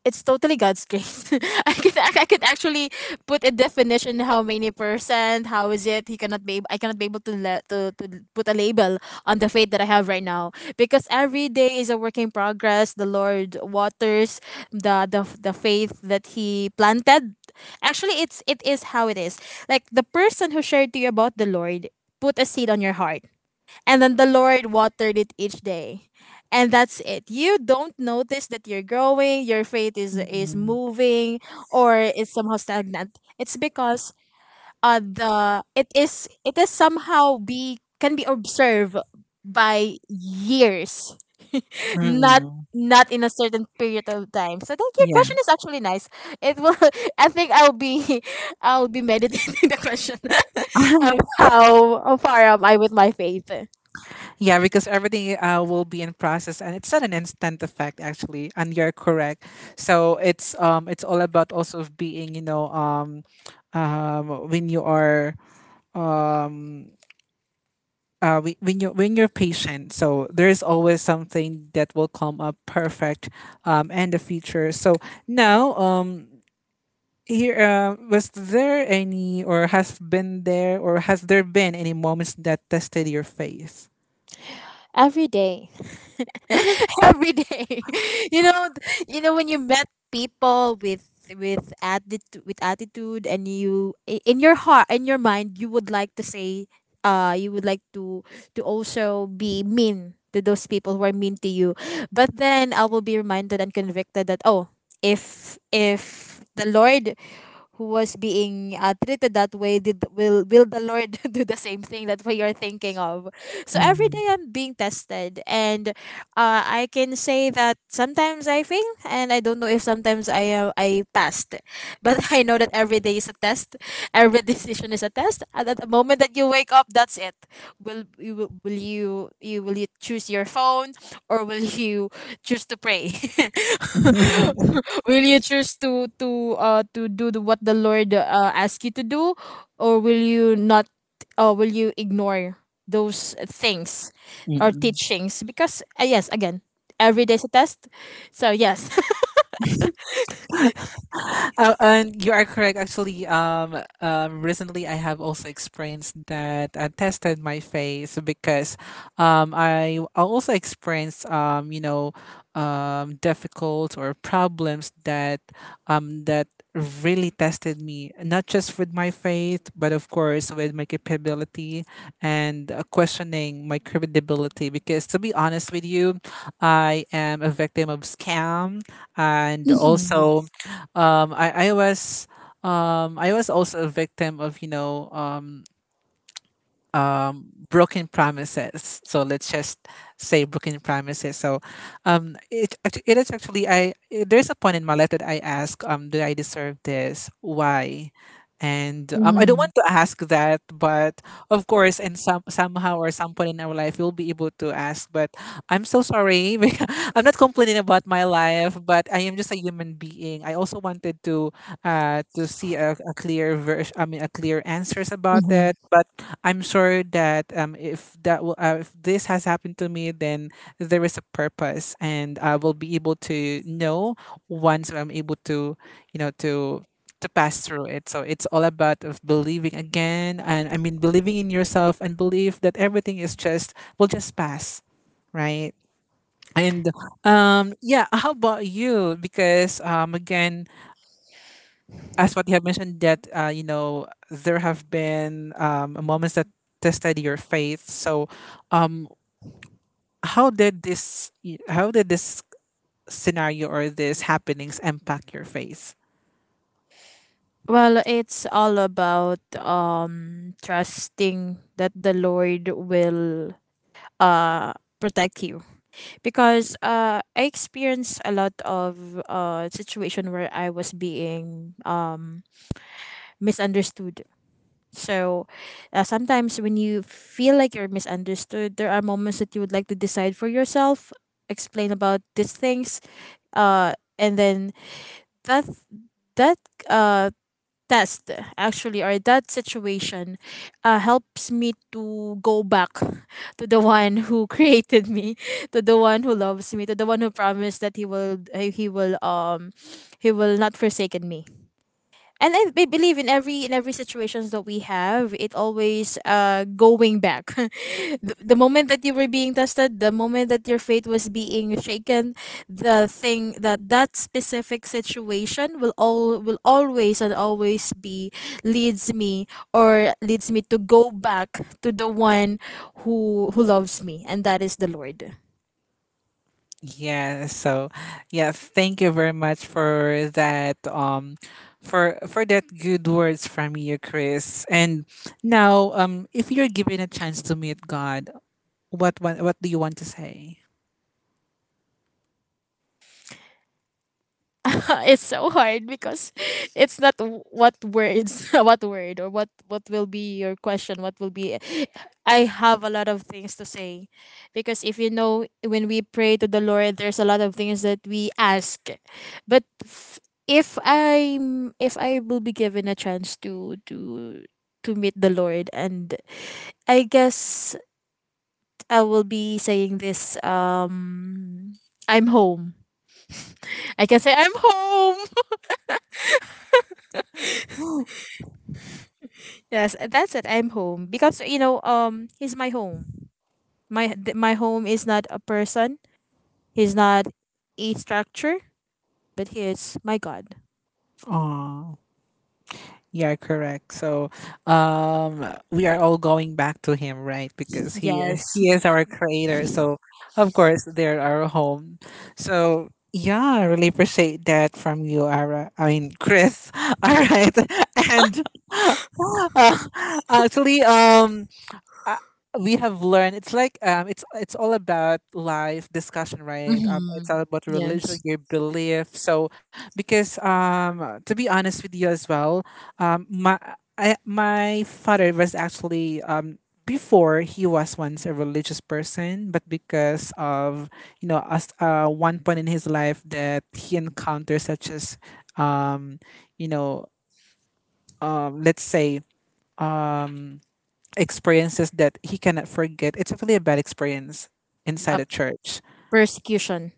B: it's totally God's grace. I could ac- I could actually put a definition, how many percent, how is it? He cannot be ab- I cannot be able to, le- to to put a label on the faith that I have right now because every day is a work in progress. The Lord waters the the, the faith that he planted. Actually, it's it is how it is. Like the person who shared to you about the Lord put a seed on your heart, and then the Lord watered it each day. And that's it. You don't notice that you're growing, your faith is is
A: Mm-mm.
B: moving or is somehow stagnant. It's because uh the it is it is somehow be can be observed by years. Not
A: Mm-mm.
B: not in a certain period of time. So I think your
A: Yeah.
B: question is actually nice. It will. I think I'll be I'll be meditating the question of how, how far am I with my faith.
A: Yeah, because everything uh, will be in process, and it's not an instant effect actually. And you're correct. So it's um it's all about also being you know um um when you are um uh, whe- when you when you're patient, so there's always something that will come up perfect, um, in the future. So now, um, here, uh, was there any, or has been there, or has there been any moments that tested your faith?
B: Every day. Every day, you know th- you know when you met people with with attitude, with attitude, and you i- in your heart, in your mind, you would like to say, uh you would like to to also be mean to those people who are mean to you. But then I will be reminded and convicted that, oh, if if the Lord, who was being uh, treated that way, did will will the Lord do the same thing that what you're thinking of? So every day I'm being tested, and uh, I can say that sometimes I fail, and I don't know if sometimes i uh, i passed. But I know that every day is a test. Every decision is a test, and at the moment that you wake up, that's it. Will you will you you will you choose your phone, or will you choose to pray? Will you choose to to uh to do the, what the Lord uh, asks you to do, or will you not? Uh, will you ignore those things or teachings? Because uh, yes, again, every day's a test. So yes.
A: Uh, and you are correct actually, um, um recently I have also experienced that I tested my face because um i I also experienced, um you know um difficult or problems that um that really tested me, not just with my faith, but of course with my capability and, uh, questioning my credibility. Because to be honest with you, I am a victim of scam, and
B: Mhm,
A: also, um, I I was. Um, I was also a victim of, you know, um, um, broken promises. So let's just say broken promises. So um, it actu- it is actually, I there's a point in my life that I ask, um, do I deserve this? Why? And um, I don't want
B: mhm,
A: to ask that, but of course, in some somehow or some point in our life, we'll be able to ask. But I'm so sorry. Because I'm not complaining about my life, but I am just a human being. I also wanted to, uh, to see a, a clear version. I mean, a clear answers about
B: mhm.
A: that. But I'm sure that, um, if that will, uh, if this has happened to me, then there is a purpose, and I will be able to know once I'm able to, you know, to to pass through it. So it's all about of believing again, and I mean believing in yourself and believe that everything is just will just pass, right? And um, yeah, how about you? Because um, again, as what you have mentioned that, uh, you know, there have been, um, moments that tested your faith. So um, how did this y- how did this scenario or this happenings impact your faith?
B: Well, it's all about um trusting that the Lord will uh protect you because uh I experienced a lot of uh situation where I was being um misunderstood. So uh, sometimes when you feel like you're misunderstood, there are moments that you would like to decide for yourself, explain about these things, uh, and then that that uh test, actually, or that situation, uh, helps me to go back to the one who created me, to the one who loves me, to the one who promised that he will uh, he will um he will not forsaken me. And I, I believe in every in every situations that we have, it always uh going back. the, the moment that you were being tested, the moment that your faith was being shaken, the thing that that specific situation will all will always and always be, leads me or leads me to go back to the one who who loves me, and that is the Lord.
A: Yeah. So yeah, thank you very much for that, um for for that good words from you, Chris. And now, um if you're given a chance to meet God, what what what do you want to say?
B: It's so hard because it's not w- what words. What word or what what will be your question, what will be. I have a lot of things to say, because if you know, when we pray to the Lord, there's a lot of things that we ask. But f- if i if i will be given a chance to to to meet the Lord, and I guess I will be saying this: um I'm home. I can say I'm home. Yes, uh, that's it. I'm home because, you know, um, he's my home. My th- my home is not a person. He's not a structure, but he is my God.
A: Oh. Yeah, correct. So, um, we are all going back to him, right? Because he is,
B: Yes.
A: he is our creator. So, of course, they're our home. So, yeah, I really appreciate that from you, Ara. I mean, Chris. All right, and uh, actually, um, uh, we have learned it's like um it's it's all about life discussion, right? Um it's
B: Mm-hmm.
A: all about religion,
B: Yes.
A: your belief. So because um to be honest with you as well, um my I, my father was actually, um before he was once a religious person, but because of, you know, as uh one point in his life that he encountered such as, um you know um let's say um experiences that he cannot forget. It's actually a bad experience
B: A
A: inside a church,
B: persecution.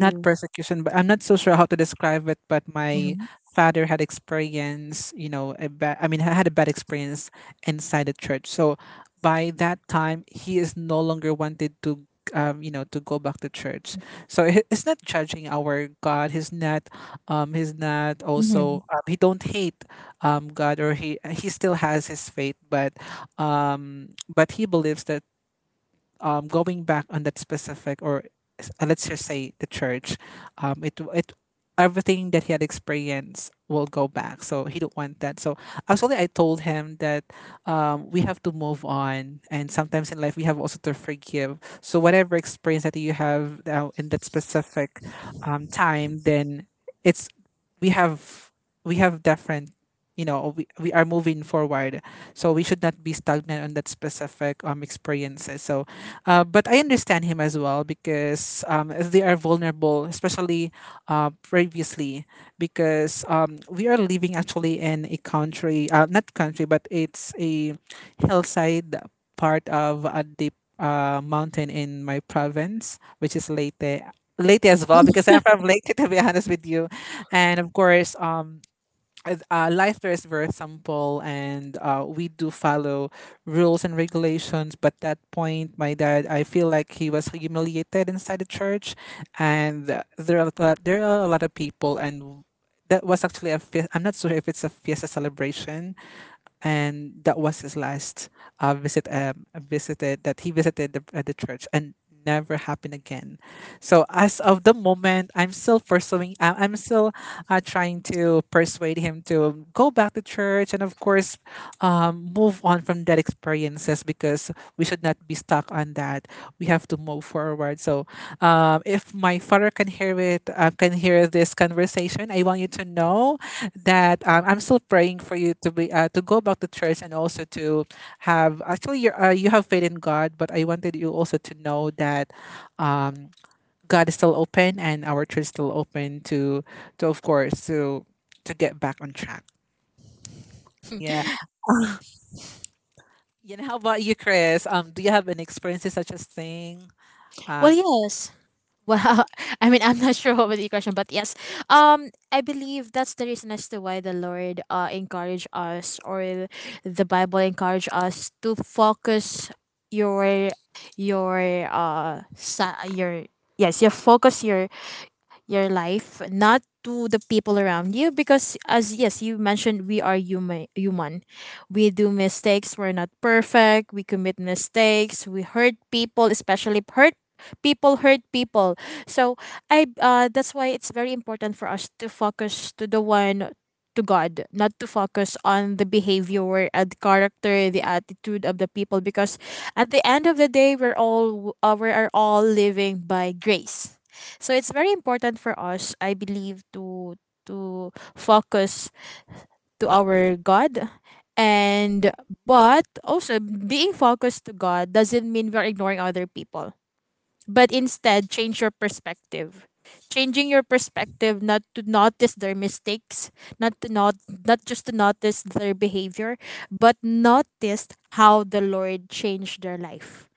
A: not persecution, but I'm not so sure how to describe it. But my
B: Mm-hmm.
A: father had experience, you know, a bad, I mean, ha- had a bad experience inside the church. So by that time, he is no longer wanted to, um, you know, to go back to church. So he- he's not judging our God. He's not, um, he's not
B: Mm-hmm.
A: also, um, he don't hate, um, God, or he he still has his faith, but, um, but he believes that, um, going back on that specific, or s- uh, let's just say, the church, um, it it everything that he had experienced will go back, so he don't want that. So actually, I told him that, um, we have to move on, and sometimes in life we have also to forgive. So whatever experience that you have now in that specific, um, time, then it's we have we have different, you know, we, we are moving forward, so we should not be stagnant on that specific um experiences. So uh, but I understand him as well, because um, they are vulnerable, especially uh, previously, because um, we are living actually in a country, uh, not country, but it's a hillside part of a deep, uh, mountain in my province, which is Leyte. Leyte as well, because I'm from Leyte, to be honest with you. And of course, um, as- uh, life there is very simple, and uh, we do follow rules and regulations, but that point, my dad, I feel like he was humiliated inside the church. And uh, there are a lot, there are a lot of people, and that was actually a fe- I'm not sure if it's a fiesta celebration, and that was his last, uh, visit um, visited that he visited the, uh, the church, and never happened again. So as of the moment, I'm still pursuing. I- I'm still, uh, trying to persuade him to go back to church, and, of course, um, move on from that experiences, because we should not be stuck on that. We have to move forward. So, um, if my father can hear it, uh, can hear this conversation, I want you to know that, um, I'm still praying for you to be, uh, to go back to church, and also to have actually, you uh, you have faith in God, but I wanted you also to know that, um, God is still open, and our church is still open to to of course, to to get back on track. Yeah. You know, how about you, Chris? Um, do you have any experiences such as thing?
B: Well,
A: Um,
B: yes. Well, I mean, I'm not sure what was the question, but yes, um, I believe that's the reason as to why the Lord uh encourage us or the Bible encourage us to focus your your uh sa- your yes, you focus your your life, not to the people around you. Because, as yes, you mentioned, we are human. Human, we do mistakes. We're not perfect. We commit mistakes. We hurt people, especially hurt people hurt people so I uh, that's why it's very important for us to focus to the one to God, not to focus on the behavior and character, the attitude of the people, because at the end of the day, we're all uh, we are all living by grace. So it's very important for us, I believe, to to focus to our God and but also being focused to God doesn't mean we're ignoring other people. But instead change your perspective. Changing your perspective not to notice their mistakes, not to not not just to notice their behavior, but notice how the Lord changed their life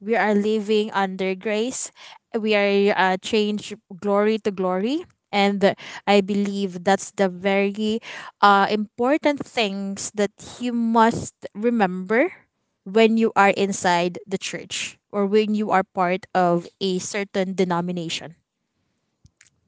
B: we are living under grace. We are uh, changed glory to glory. And I believe that's the very uh, important things that you must remember when you are inside the church or when you are part of a certain denomination.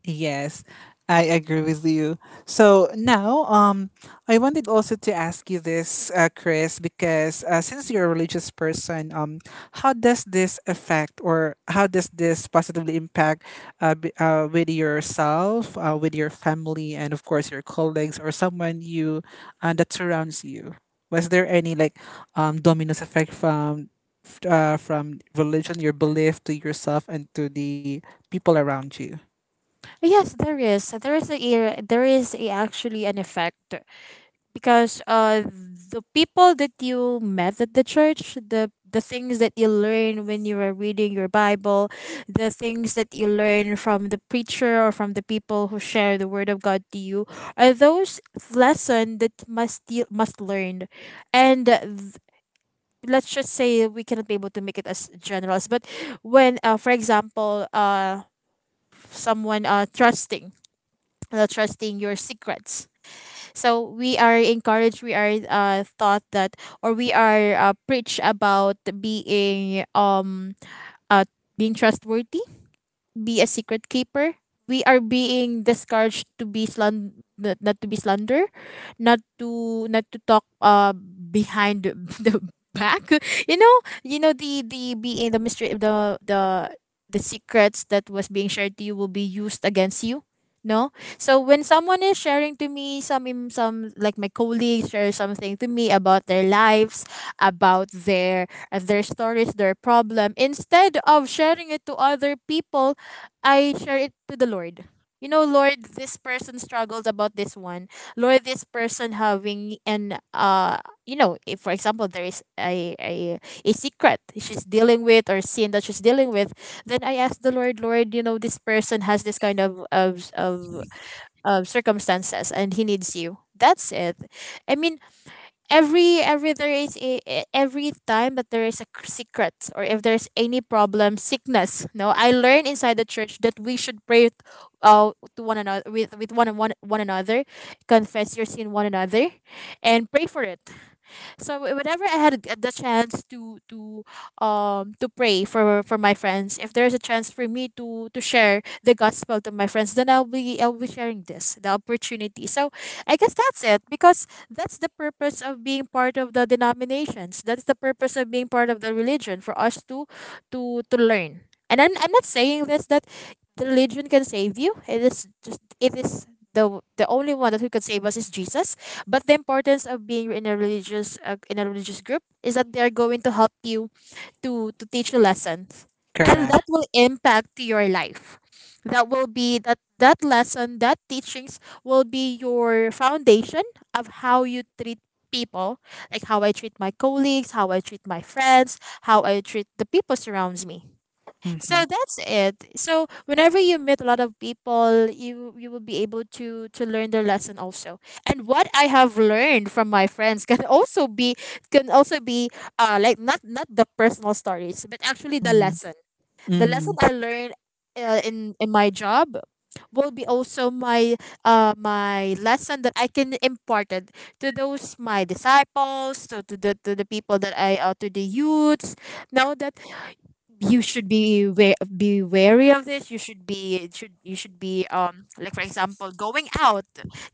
A: Yes, I agree with you. So now, um, I wanted also to ask you this, uh, Chris, because uh, since you're a religious person, um, how does this affect, or how does this positively impact, uh, b- uh, with yourself, uh, with your family, and of course your colleagues, or someone you uh, that surrounds you? Was there any like, um, dominoes effect from, f- uh, from religion, your belief to yourself and to the people around you?
B: Yes, there is. There is a there is a, actually an effect because uh the people that you met at the church the the things that you learn when you were reading your Bible, the things that you learn from the preacher or from the people who share the word of God to you are those lessons that must you must learn and uh, th- let's just say we cannot be able to make it as general as but when uh, for example uh someone uh trusting uh, trusting your secrets so we are encouraged, we are uh, taught that, or we are uh, preached about being um uh, being trustworthy, be a secret keeper. We are being discouraged to be slan not, not to be slander, not to not to talk uh behind the the back. You know, you know the the being the mystery, the the the secrets that was being shared to you will be used against you. No, so when someone is sharing to me some im- some, like my colleagues share something to me about their lives, about their uh, their stories, their problem, instead of sharing it to other people, I share it to the Lord. You know, Lord, this person struggles about this one. Lord, this person having an uh, you know, if for example there is a a a secret she's dealing with or sin that she's dealing with, then I ask the Lord, Lord, you know, this person has this kind of of of, of circumstances and he needs you. That's it. I mean, every every there is a, e- every time that there is a c- secret or if there's any problem, sickness, no, I learn inside the church that we should pray uh, to one another with with one, one one another, confess your sin one another and pray for it so wh- whenever I had the chance to to um to pray for for my friends, if there's a chance for me to to share the gospel to my friends then i'll be I'll be sharing this the opportunity so I guess that's it because that's the purpose of being part of the denominations, that's the purpose of being part of the religion for us to to to learn and i'm, I'm not saying this that the religion can save you, it is just it is the the only one that who can save us is Jesus, but the importance of being in a religious uh, in a religious group is that they are going to help you to to teach you lessons, and
A: Correct.
B: that will impact your life. That will be that that lesson, that teachings will be your foundation of how you treat people, like how I treat my colleagues, how I treat my friends, how I treat the people surrounds me.
A: Mhm.
B: So
A: So
B: that's it. So whenever you meet a lot of people, you you will be able to to learn their lesson also. And what I have learned from my friends can also be can also be uh like not, not the personal stories, but actually the
A: mm, so
B: lesson.
A: that's
B: The lesson
A: mhm,
B: I learned uh, in in my job will be also my uh my lesson that I can imparted to those my disciples to, to the to the people that I uh, to the youths now that you should be wa- be wary of this, you should be it should you should be um like for example going out,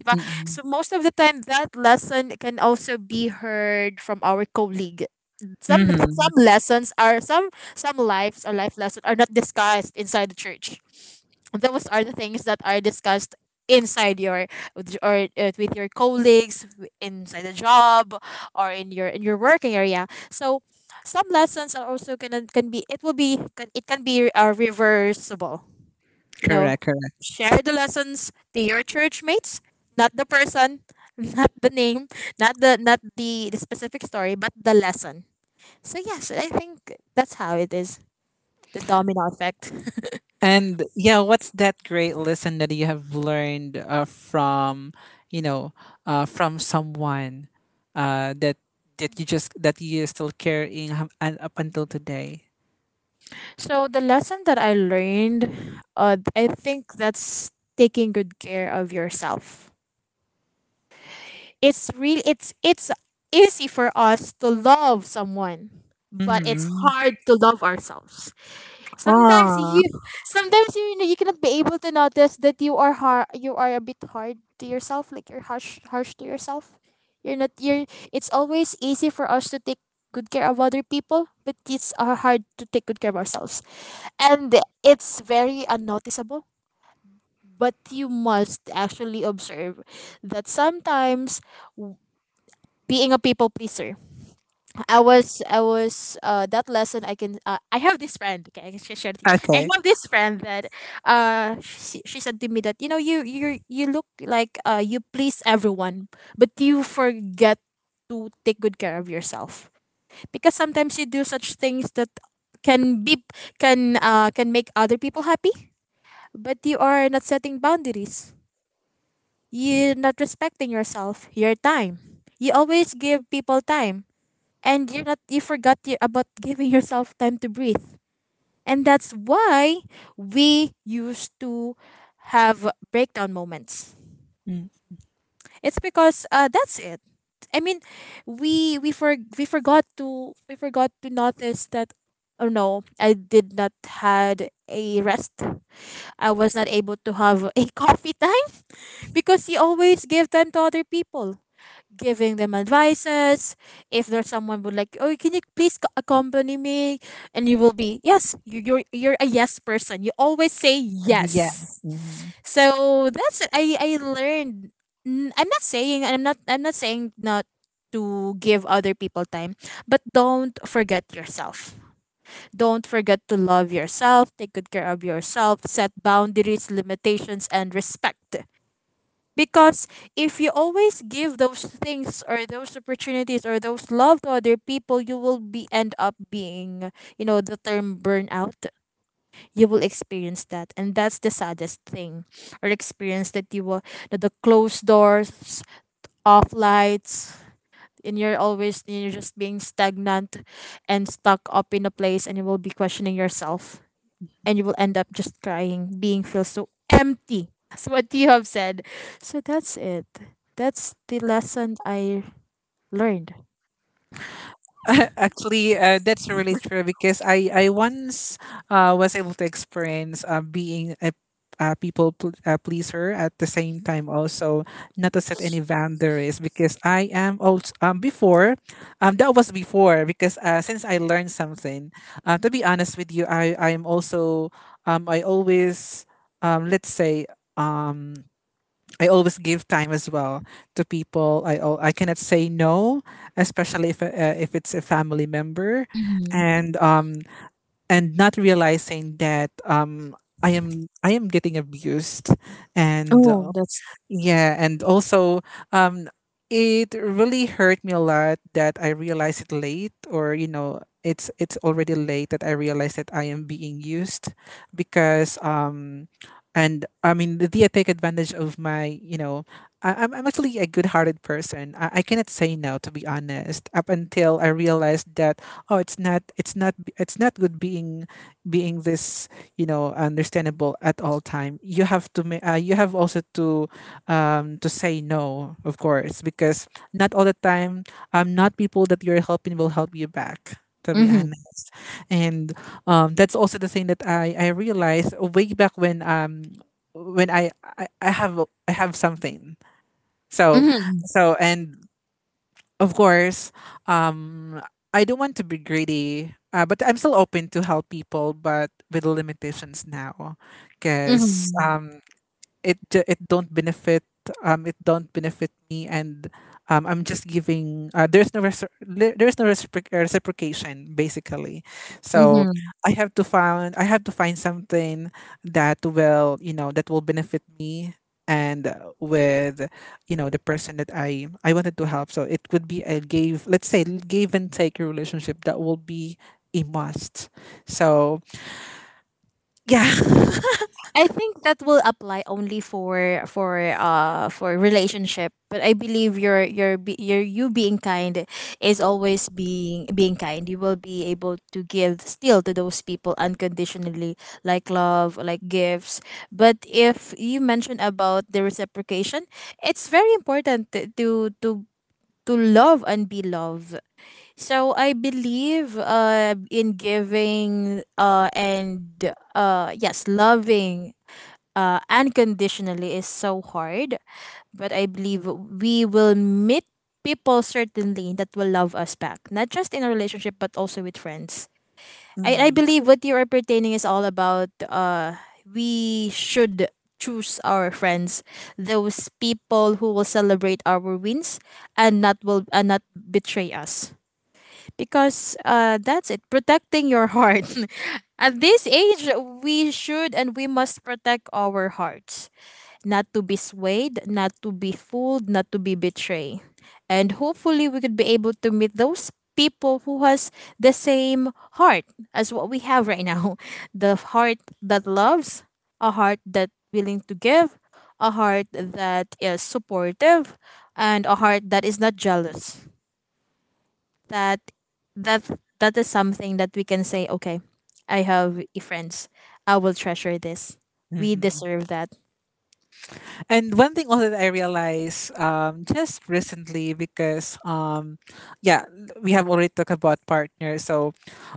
B: diba?
A: it. Mhm,
B: So most of the time that lesson can also be heard from our colleague. some
A: mhm.
B: some lessons are some some lives or life lessons are not discussed inside the church, those are the things that are discussed inside your with- or uh, with your colleagues w- inside the job or in your in your working area so some lessons are also gonna can be it will be can, it can be uh, reversible, you know,
A: Correct, correct.
B: share the lessons to your church mates, not the person not the name, not the not the, the specific story but the lesson, so yes I think that's how it is, the domino effect.
A: And yeah, what's that great lesson that you have learned, uh, from, you know, uh, from someone, uh, that that you just, that you still carrying hum- and up until today?
B: So the lesson that I learned, uh, I think that's taking good care of yourself. It's real. It's it's easy for us to love someone, but it's
A: Mm.
B: hard to love ourselves. Sometimes
A: Ah,
B: you, sometimes you you cannot be able to notice that you are hard. You are a bit hard to yourself. Like you're harsh, harsh to yourself. You're not. You're. It's always easy for us to take good care of other people, but it's uh, hard to take good care of ourselves, and it's very unnoticeable but you must actually observe that sometimes w- being a people pleaser. I was I was uh, That lesson I can uh, I have this friend, okay, I can share share this. I
A: okay.
B: have this friend that uh she, she said to me that, you know, you you you look like uh you please everyone, but you forget to take good care of yourself, because sometimes you do such things that can be can uh can make other people happy. But you are not setting boundaries. You're not respecting yourself, your time. You always give people time, and you're not. You forgot you, about giving yourself time to breathe, and that's why we used to have breakdown moments.
A: Mm,
B: It's because uh, that's it. I mean, we we for we forgot to, we forgot to notice that. Oh no, I did not had a rest. I was not able to have a coffee time, because you always give time to other people, giving them advices. If there's someone would like, oh, can you please co- accompany me? And you will be, yes, you, you're you're a yes person. You always say yes.
A: yes. Mm-hmm.
B: So that's it. I I learned. N- I'm not saying, I'm not I'm not saying not to give other people time, but don't forget yourself. Don't forget to love yourself, take good care of yourself, set boundaries, limitations, and respect. Because if you always give those things or those opportunities or those love to other people, you will be end up being, you know, the term burnout. You will experience that. And that's the saddest thing or experience that you will, that the closed doors, off lights, and you're always, you're just being stagnant and stuck up in a place and you will be questioning yourself and you will end up just crying, being feel so empty as what you have said. So that's it. That's the lesson I learned.
A: Actually, uh, that's really true, because I I once, uh, was able to experience, uh, being a, a people pl- uh, pleaser, at the same time also not to set any boundaries, because I am also um before um that was before, because uh, since I learned something, uh, to be honest with you, I I am also, um I always um let's say um I always give time as well to people. I al- I cannot say no, especially if, uh, if it's a family member,
B: Hmm.
A: and um and not realizing that, um I am, I am getting abused, and,
B: Oh,
A: uh,
B: that's.
A: yeah, and also, um, it really hurt me a lot that I realized it late, or you know, it's it's already late that I realized that I am being used, because, um, and I mean, did I take advantage of my, you know, I, I'm I'm actually a good-hearted person. I, I cannot say no, to be honest. Up until I realized that, oh, it's not, it's not, b- it's not good being, being this, you know, understandable at all time. You have to, ma- uh, you have also to, um, to say no, of course, because not all the time, um, not people that you're helping will help you back. To be
B: Mm-hmm.
A: honest, and um, that's also the thing that I I realized way back when, um when I I, I have, I have something. So
B: Mm-hmm.
A: so and of course, um I don't want to be greedy, uh, but I'm still open to help people, but with limitations now, because um it ju- it don't benefit, um it don't benefit me, and um I'm just giving, uh, there's no reci- le- there's no recipro- uh, reciprocation basically. So
B: Mm-hmm.
A: I have to find, I have to find something that will, you know, that will benefit me, and, uh, with, you know, the person that I I wanted to help. So it could be a give, let's say, give and take relationship, that will be a must. So yeah.
B: I think that will apply only for for uh for relationship. But I believe your your be- your you being kind is always being being kind. You will be able to give still to those people unconditionally, like love, like gifts. But if you mention about the reciprocation, it's very important t- to to to love and be loved. So I believe uh in giving uh and uh yes, loving uh, unconditionally is so hard, but I believe we will meet people certainly that will love us back, not just in a relationship, but also with friends. I, I believe what you are pertaining is all about uh, we should choose our friends, those people who will celebrate our wins and not will and not betray us. Because uh, that's it, protecting your heart. At this age, we should and we must protect our hearts, not to be swayed, not to be fooled, not to be betrayed. And hopefully we could be able to meet those people who has the same heart as what we have right now. The heart that loves, a heart that willing to give, a heart that is supportive, and a heart that is not jealous. That that that is something that we can say, okay, I have friends. I will treasure this. We
A: Mm-hmm.
B: deserve that.
A: And one thing also that I realized, um, just recently, because um, yeah, we have already talked about partners. So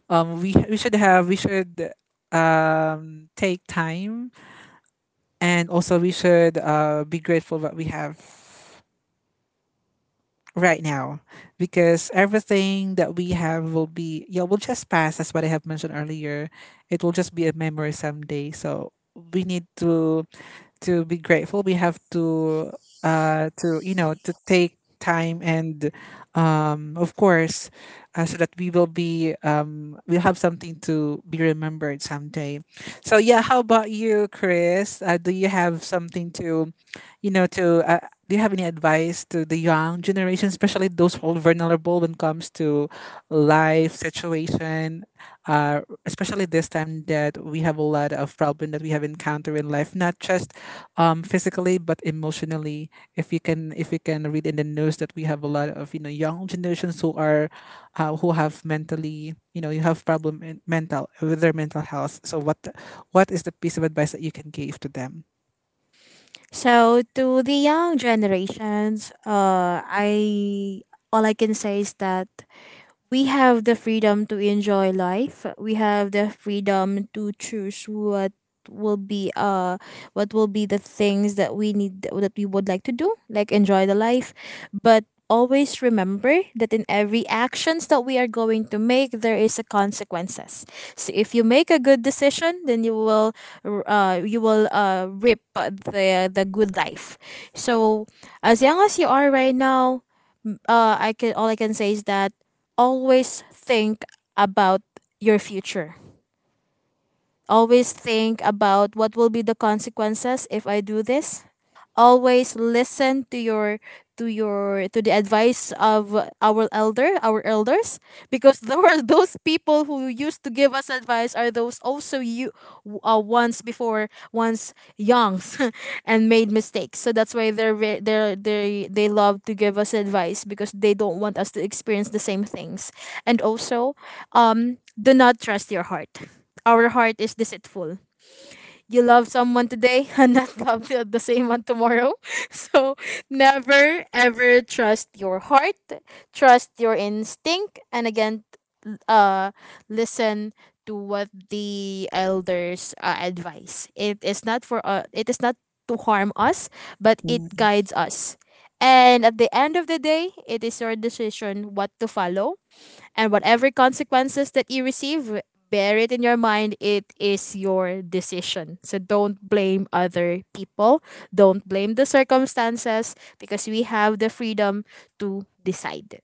A: um, we we should have we should, um, take time, and also we should, uh, be grateful what we have right now, because everything that we have will be, yeah, will just pass. That's what I have mentioned earlier. It will just be a memory someday, so we need to to be grateful. We have to, uh to you know, to take time, and um of course, uh, so that we will be, um we'll have something to be remembered someday. So yeah, how about you, Chris? Uh, do you have something to, you know, to uh, do you have any advice to the young generation, especially those who are vulnerable when it comes to life situation, uh, especially this time that we have a lot of problem that we have encountered in life, not just um physically, but emotionally? If you can, if you can read in the news that we have a lot of, you know, young generations who are, uh, who have mentally, you know, you have problem in mental with their mental health. So what what is the piece of advice that you can give to them?
B: So to the young generations, uh, I, all I can say is that we have the freedom to enjoy life. We have the freedom to choose what will be uh what will be the things that we need that we would like to do, like enjoy the life. But always remember that in every actions that we are going to make there is a consequences, so if you make a good decision then you will uh, you will uh, reap the the good life, so as young as you are right now, uh, I can, all I can say is that always think about your future. Always think about what will be the consequences if I do this, always listen to your to your to the advice of our elder our elders, because there were those people who used to give us advice are those also you, uh, once before once youngs and made mistakes, so that's why they're ve- they're they they love to give us advice because they don't want us to experience the same things, and also, um do not trust your heart, our heart is deceitful, you love someone today and not love the, the same one tomorrow. So never ever trust your heart, trust your instinct, and again, l- uh, listen to what the elders uh, advise. It is not for uh, it is not to harm us, but it guides us. And at the end of the day, it is your decision what to follow and whatever consequences that you receive, bear it in your mind. It is your decision. So don't blame other people. Don't blame the circumstances because we have the freedom to decide.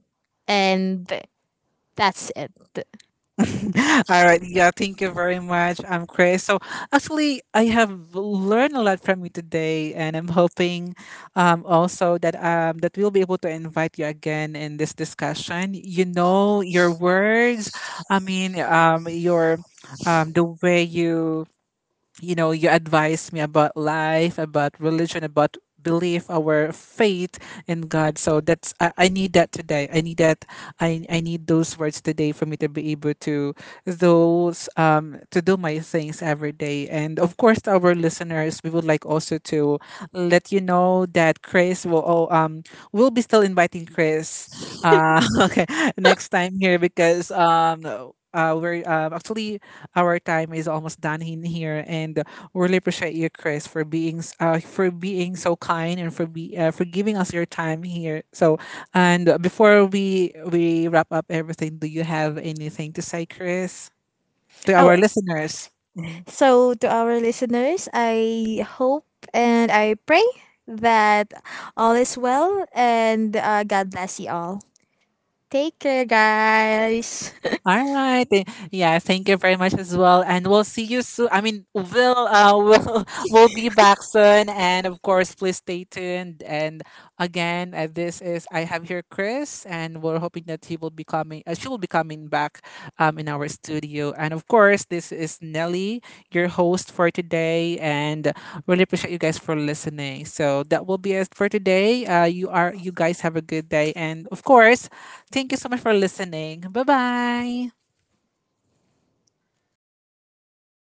B: And that's it.
A: All right. Yeah, thank you very much. I'm Chris. So actually, I have learned a lot from you today, and I'm hoping, um, also that um, that we'll be able to invite you again in this discussion. You know, your words. I mean, um, your, um, the way you, you know, you advise me about life, about religion, about belief, our faith in God. So that's, I, I need that today. I need that. I I need those words today for me to be able to, those um to do my things every day. And of course, to our listeners, we would like also to let you know that Chris will oh, um we'll be still inviting Chris, uh okay, next time here, because um. Uh, we're uh, Actually, our time is almost done in here, and we're really appreciate you, Chris, for being s- uh, for being so kind, and for be uh, for giving us your time here. So, and before we we wrap up everything, do you have anything to say, Chris, to
B: Oh,
A: our listeners? Mm-hmm.
B: so to our listeners, I hope and I pray that all is well and uh, God bless you all. Take care, guys.
A: All right. Th- Yeah, thank you very much as well. And we'll see you soon. I mean, we'll, uh we'll we'll be back soon. And of course, please stay tuned. And again, uh, this is, I have here Chris, and we're hoping that he will be coming. Uh, she will be coming back, um, in our studio. And of course, this is Nelly, your host for today, and really appreciate you guys for listening. So that will be it for today. Uh, you are you guys have a good day, and of course, thank you so much for listening. Bye bye.